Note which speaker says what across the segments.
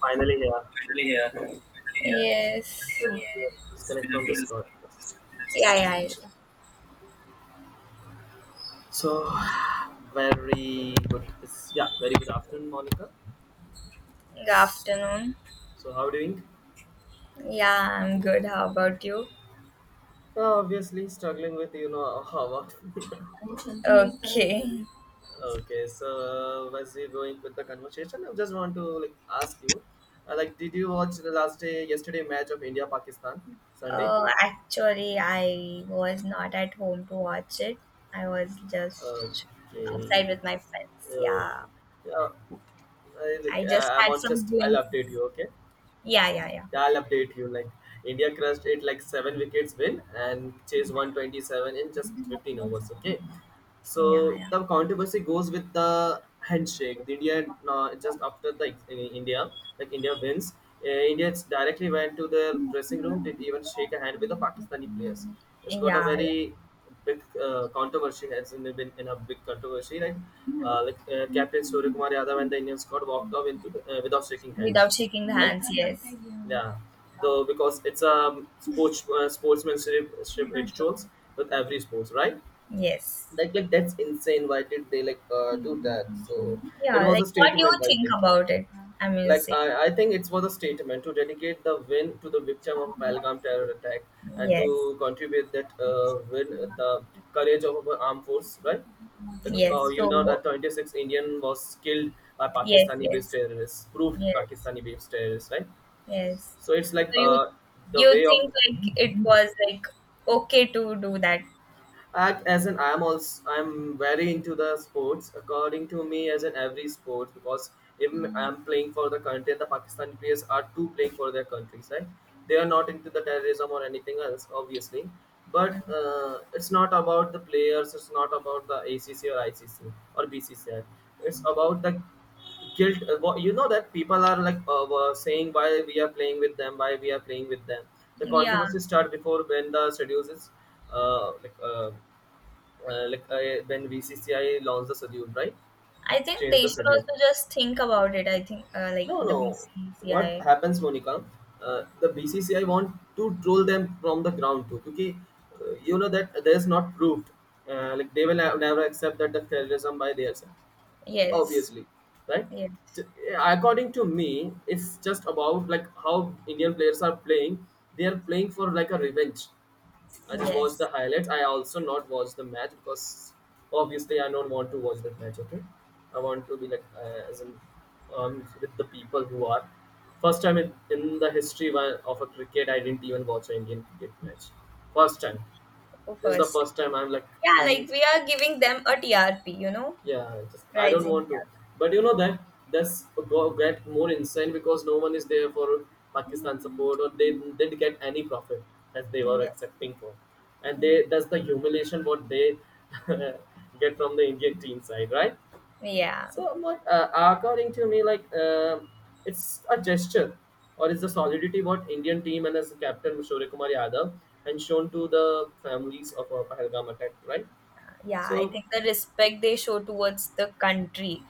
Speaker 1: Finally, yeah,
Speaker 2: Finally here. Finally here. Yes.
Speaker 1: we are disconnect from Discord first.
Speaker 2: Yeah.
Speaker 1: So, very good. It's, yeah, very good afternoon, Monica.
Speaker 2: Good
Speaker 1: S-
Speaker 2: afternoon.
Speaker 1: So, how are you doing?
Speaker 2: Yeah, I'm good. How about you?
Speaker 1: Obviously, struggling with how what.
Speaker 2: Okay.
Speaker 1: Okay, so as we're going with the conversation, I just want to like ask you, like, did you watch the last day yesterday match of India Pakistan Sunday?
Speaker 2: Actually, I was not at home to watch it. I was just
Speaker 1: Okay,
Speaker 2: outside with my friends. Yeah,
Speaker 1: okay. Yeah, I like
Speaker 2: I just
Speaker 1: I'm
Speaker 2: had
Speaker 1: on
Speaker 2: some
Speaker 1: just I'll
Speaker 2: glimpse.
Speaker 1: update you. Okay.
Speaker 2: Yeah.
Speaker 1: Yeah, I'll update you. Like India crushed it like seven wickets win and chase
Speaker 2: Yeah,
Speaker 1: 127 in just 15 overs. Okay,
Speaker 2: yeah.
Speaker 1: so
Speaker 2: Yeah,
Speaker 1: the controversy goes with the handshake. The India just after the India, like India wins, Indians directly went to their dressing room. Didn't even shake a hand with the Pakistani players. It's got
Speaker 2: yeah.
Speaker 1: a
Speaker 2: yeah.
Speaker 1: very big controversy. Has been in a big controversy, right? Like Captain Surya Kumar Yadav and the Indian squad walked off into the, without shaking hands,
Speaker 2: Without shaking the
Speaker 1: right?
Speaker 2: hands, yes.
Speaker 1: Yeah, though because it's a sports sportsmanship rituals with every sports, right?
Speaker 2: Yes.
Speaker 1: Like that's insane. Why did they like do that? So it
Speaker 2: Yeah,
Speaker 1: was
Speaker 2: like
Speaker 1: a
Speaker 2: what do you
Speaker 1: statement, I
Speaker 2: think
Speaker 1: think.
Speaker 2: about it? I mean,
Speaker 1: Like
Speaker 2: say.
Speaker 1: I think it was a statement to dedicate the win to the victim of Pahalgam terror attack and
Speaker 2: Yes.
Speaker 1: to contribute that win the courage of our armed force, right? Like,
Speaker 2: Yes.
Speaker 1: you know that 26 Indian was killed by
Speaker 2: Yes,
Speaker 1: Pakistani-based terrorists, proved
Speaker 2: yes,
Speaker 1: Pakistani-based terrorists, right?
Speaker 2: yes.
Speaker 1: So it's like
Speaker 2: So you
Speaker 1: the
Speaker 2: you
Speaker 1: way of
Speaker 2: think like it was like okay to do that?
Speaker 1: act as an I'm very into the sports, according to me, as in every sport, because even I'm playing for the country and the Pakistani players are too playing for their countries, right? They are not into the terrorism or anything else, obviously. But
Speaker 2: Mm.
Speaker 1: it's not about the players, it's not about the ACC or ICC or BCCI. It's about the guilt, you know that people are like were saying, why we are playing with them, why we are playing with them. The
Speaker 2: Yeah,
Speaker 1: controversy start before when the schedule is uh, like uh, like when VCCI launched the schedule, right?
Speaker 2: I think
Speaker 1: Change
Speaker 2: they
Speaker 1: the
Speaker 2: should
Speaker 1: schedule.
Speaker 2: also just think about it. I think like
Speaker 1: No,
Speaker 2: the
Speaker 1: no, what
Speaker 2: BCCI.
Speaker 1: happens, Monica? The BCCI want to troll them from the ground too because you know that there's not proved like they will never accept that the terrorism by their side,
Speaker 2: Yes,
Speaker 1: obviously, right?
Speaker 2: yes,
Speaker 1: T- According to me, it's just about like how Indian players are playing. They are playing for like a revenge. I just watched
Speaker 2: yes.
Speaker 1: the highlights, I also not watch the match because obviously I don't want to watch that match. Okay. I want to be like as in with the people who are first time in the history of a cricket I didn't even watch an Indian cricket match, first time.
Speaker 2: Who
Speaker 1: This is the
Speaker 2: first?
Speaker 1: first time I'm like,
Speaker 2: Yeah, like we are giving them a TRP, you know,
Speaker 1: yeah, just I don't
Speaker 2: rising
Speaker 1: want to. But you know
Speaker 2: TRP. Yeah,
Speaker 1: that get more insane because no one is there for Pakistan support or they didn't get any profit that they were
Speaker 2: yeah.
Speaker 1: accepting for, and
Speaker 2: Mm.
Speaker 1: they, that's the humiliation what they get from the Indian team side, right?
Speaker 2: Yeah.
Speaker 1: So what according to me, like it's a gesture or it's the solidity what Indian team and as captain Shurya Kumar Yadav and shown to the families of our Pahalgam attack, right?
Speaker 2: Yeah, I
Speaker 1: So
Speaker 2: think the respect they show towards the country.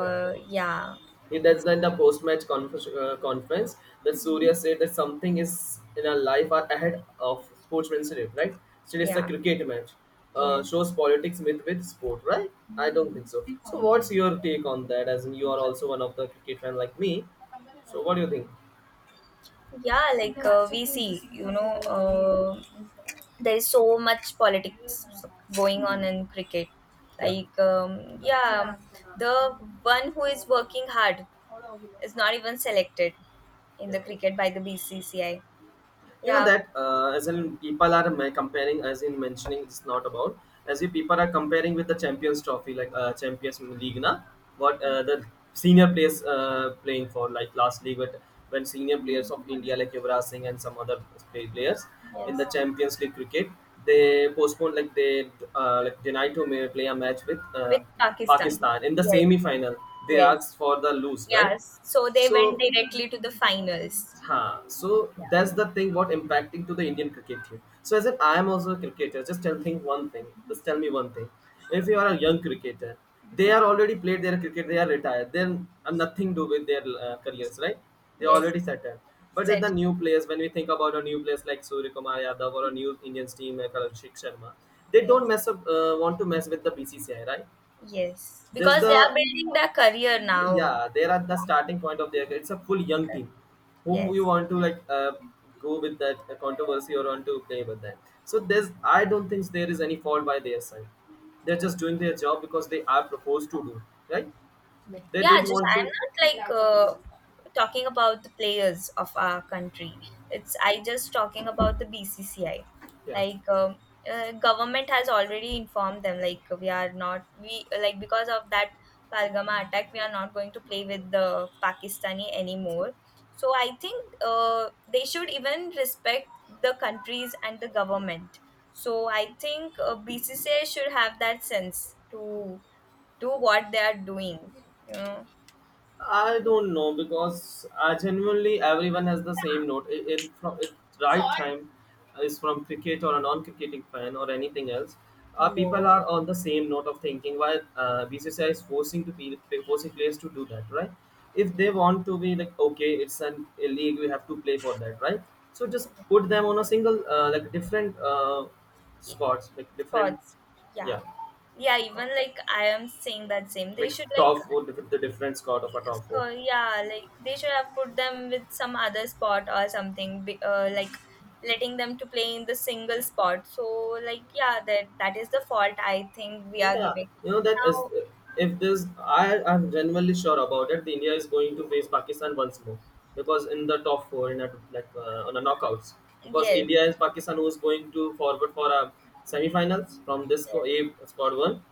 Speaker 1: yeah.
Speaker 2: Yeah,
Speaker 1: He does
Speaker 2: it's
Speaker 1: in the
Speaker 2: great.
Speaker 1: post-match conference that Surya said that something is in our life are ahead of sportsmanship, right? Still, it's a
Speaker 2: Yeah,
Speaker 1: cricket match.
Speaker 2: yes.
Speaker 1: Shows politics myth with sport, right? I don't think so. So, what's your take on that? As in, you are also one of the cricket fan like me. So, what do you think?
Speaker 2: Yeah, like we see, you know, there is so much politics going
Speaker 1: Mhm.
Speaker 2: on in cricket.
Speaker 1: Yeah,
Speaker 2: Like, yeah, the one who is working hard is not even selected in
Speaker 1: yeah.
Speaker 2: the cricket by the BCCI.
Speaker 1: You know
Speaker 2: Yeah,
Speaker 1: that as in people are comparing, as in mentioning it's not about, as if people are comparing with the Champions Trophy like Champions League na, what the senior players playing for like last league, but when senior players of India like Yuvraj Singh and some other players in
Speaker 2: yes,
Speaker 1: the Champions League cricket, they postponed, like they like denied to play a match with
Speaker 2: with Pakistan.
Speaker 1: Pakistan in the
Speaker 2: Yes,
Speaker 1: semi final. They
Speaker 2: yes,
Speaker 1: asked for the lose, right?
Speaker 2: yes, so they
Speaker 1: So,
Speaker 2: went directly to the finals.
Speaker 1: huh. So
Speaker 2: Yeah.
Speaker 1: that's the thing what impacting to the Indian cricket team. So as if I am also a cricketer, just tell think one thing. Just tell me one thing. If you are a young cricketer, they are already played their cricket, they are retired. Then nothing do with their careers, right? They are
Speaker 2: Yes,
Speaker 1: already settled. But in the
Speaker 2: set.
Speaker 1: new players, when we think about a new players like Surya Kumar Yadav or a new Indian team like Abhishek Sharma, they
Speaker 2: Yes,
Speaker 1: don't want to mess with the BCCI, right?
Speaker 2: yes.
Speaker 1: There's
Speaker 2: Because they are
Speaker 1: the,
Speaker 2: building their career now.
Speaker 1: yeah, they're at the starting point of their, it's a full young team, whom you
Speaker 2: Yes.
Speaker 1: want to like go with that controversy or want to play with them. So there's, I don't think there is any fault by their side. They're just doing their job because they are proposed to do, right? They
Speaker 2: Yeah,
Speaker 1: don't
Speaker 2: just
Speaker 1: want to.
Speaker 2: I'm not like talking about the players of our country, it's I just talking about the BCCI.
Speaker 1: Yeah,
Speaker 2: Like, government has already informed them like we are not, we like, because of that Palgama attack we are not going to play with the Pakistani anymore. So I think they should even respect the countries and the government. So I think BCCI should have that sense to do what they are doing, you know.
Speaker 1: I don't know because genuinely everyone has the same note. From, it right time, is from cricket or a non-cricketing fan or anything else.
Speaker 2: Hello.
Speaker 1: People are on the same note of thinking. Why BCCI is forcing to be forcing players to do that, right? If they want to be like okay, it's an a league, we have to play for that, right? So just put them on a single like different squads, like different,
Speaker 2: Spots. Yeah,
Speaker 1: yeah,
Speaker 2: yeah, even like I am saying that same, they
Speaker 1: like
Speaker 2: should like,
Speaker 1: top four, different the different squad of a top four.
Speaker 2: so yeah, like they should have put them with some other spot or something like letting them to play in the single spot. So like yeah, that is the fault I think we are
Speaker 1: Yeah,
Speaker 2: giving
Speaker 1: you know that is
Speaker 2: now.
Speaker 1: if this I'm genuinely sure about it. The India is going to face Pakistan once more because in the top four in a, like on a knockouts, because
Speaker 2: Yes,
Speaker 1: India is Pakistan who's going to forward for a semi-finals from
Speaker 2: yes.
Speaker 1: A squad one,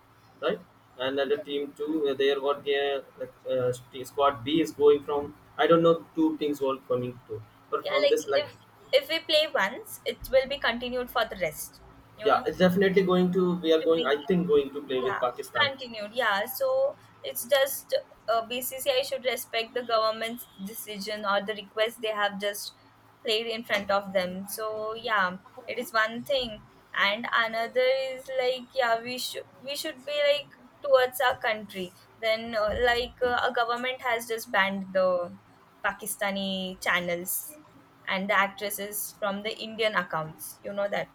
Speaker 1: right? And then the team two there, what the like, squad B is going from, I don't know, two teams were coming to, but
Speaker 2: Yeah,
Speaker 1: from
Speaker 2: like
Speaker 1: this like,
Speaker 2: if we play once it will be continued for the rest, you
Speaker 1: yeah,
Speaker 2: know.
Speaker 1: it's definitely going to, we are
Speaker 2: To
Speaker 1: going, I
Speaker 2: be,
Speaker 1: think, going to play with
Speaker 2: yeah,
Speaker 1: Pakistan.
Speaker 2: continued. Yeah, so it's just BCCI should respect the government's decision or the request they have just played in front of them. So yeah, it is one thing, and another is like yeah, we should, we should be like towards our country. Then like a government has just banned the Pakistani channels and the actresses from the Indian accounts. You know that.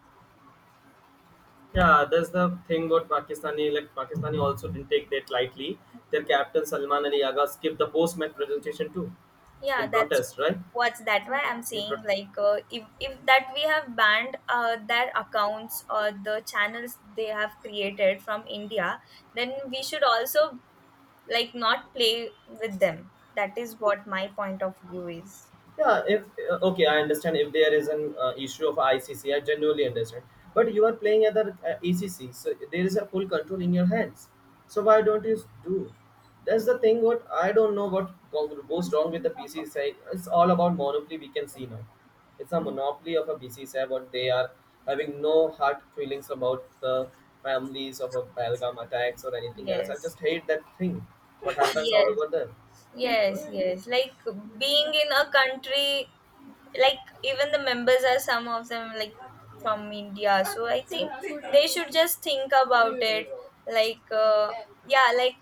Speaker 1: Yeah, that's the thing about Pakistani. Like Pakistani also didn't take that lightly. Their captain Salman Ali Agha skipped the post-match presentation too,
Speaker 2: Yeah,
Speaker 1: in
Speaker 2: that's,
Speaker 1: protest, right?
Speaker 2: what's that, why I'm
Speaker 1: In
Speaker 2: saying
Speaker 1: pro-
Speaker 2: like if that we have banned their accounts or the channels they have created from India, then we should also like not play with them. That is what my point of view is.
Speaker 1: Yeah, if okay, I understand if there is an issue of ICC, I genuinely understand. But you are playing at the ECC, so there is a full control in your hands. So why don't you do? That's the thing. What I don't know what goes wrong with the BCCI. It's all about monopoly. We can see now. It's a
Speaker 2: Y-
Speaker 1: monopoly of a BCCI, but they are having no hard feelings about the families of a Belgium attacks or anything else. I
Speaker 2: yes
Speaker 1: just hate that thing. What happens all
Speaker 2: yes
Speaker 1: over there?
Speaker 2: yes like being in a country, like even the members are some of them like from India, so I think they should just think about it. Like yeah, like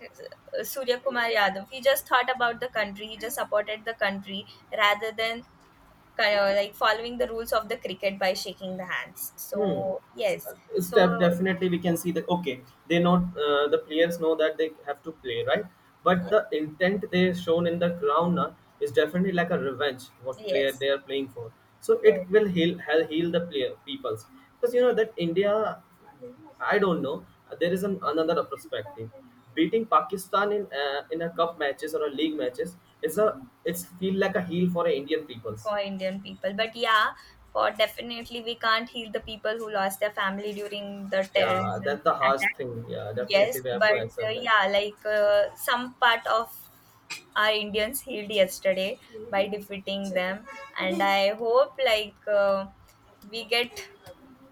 Speaker 2: Surya Kumar Yadav, he just thought about the country, he just supported the country rather than kind of like following the rules of the cricket by shaking the hands. So
Speaker 1: Hmm.
Speaker 2: yes. So
Speaker 1: Step, definitely we can see that okay they know the players know that they have to play, right? But the intent they shown in the ground now is definitely like a revenge what player
Speaker 2: yes.
Speaker 1: they are playing for. So it
Speaker 2: Yes,
Speaker 1: will heal the player peoples. Because you know that India, I don't know, there is an, another perspective, beating Pakistan in a cup matches or a league matches is a, it's feel like a heal for a Indian peoples.
Speaker 2: for Indian people. But yeah, for definitely we can't heal the people who lost their family during the
Speaker 1: Yeah,
Speaker 2: terrorism
Speaker 1: that's the harsh
Speaker 2: attack.
Speaker 1: thing. Yeah, definitely
Speaker 2: Yes,
Speaker 1: we have to
Speaker 2: but
Speaker 1: answer that.
Speaker 2: yeah, like some part of our Indians healed yesterday by defeating them, and I hope like we get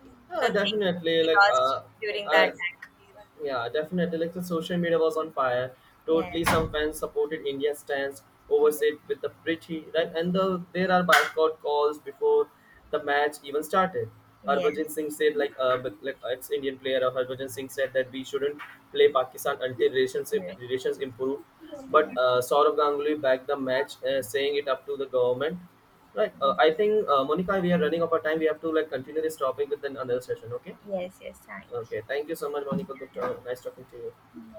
Speaker 2: the
Speaker 1: Yeah,
Speaker 2: thing
Speaker 1: definitely.
Speaker 2: we lost during that
Speaker 1: I,
Speaker 2: time.
Speaker 1: yeah, definitely. Like the social media was on fire. Totally,
Speaker 2: Yes,
Speaker 1: some fans supported India's stance, oversaid with the pretty right, and there are boycott calls before the match even started.
Speaker 2: yes,
Speaker 1: Harbhajan Singh said, like, like ex-Indian player of Harbhajan Singh said that we shouldn't play Pakistan until relations
Speaker 2: yes,
Speaker 1: relations improve. But Saurav Ganguly backed the match, saying it up to the government. Right. I
Speaker 2: yes,
Speaker 1: think Monica, we are running out of time. We have to like continue this topic with another session. Okay.
Speaker 2: yes. Thank
Speaker 1: Okay, thank you so much, Monica. Good Nice talking to you.
Speaker 2: you. Yeah.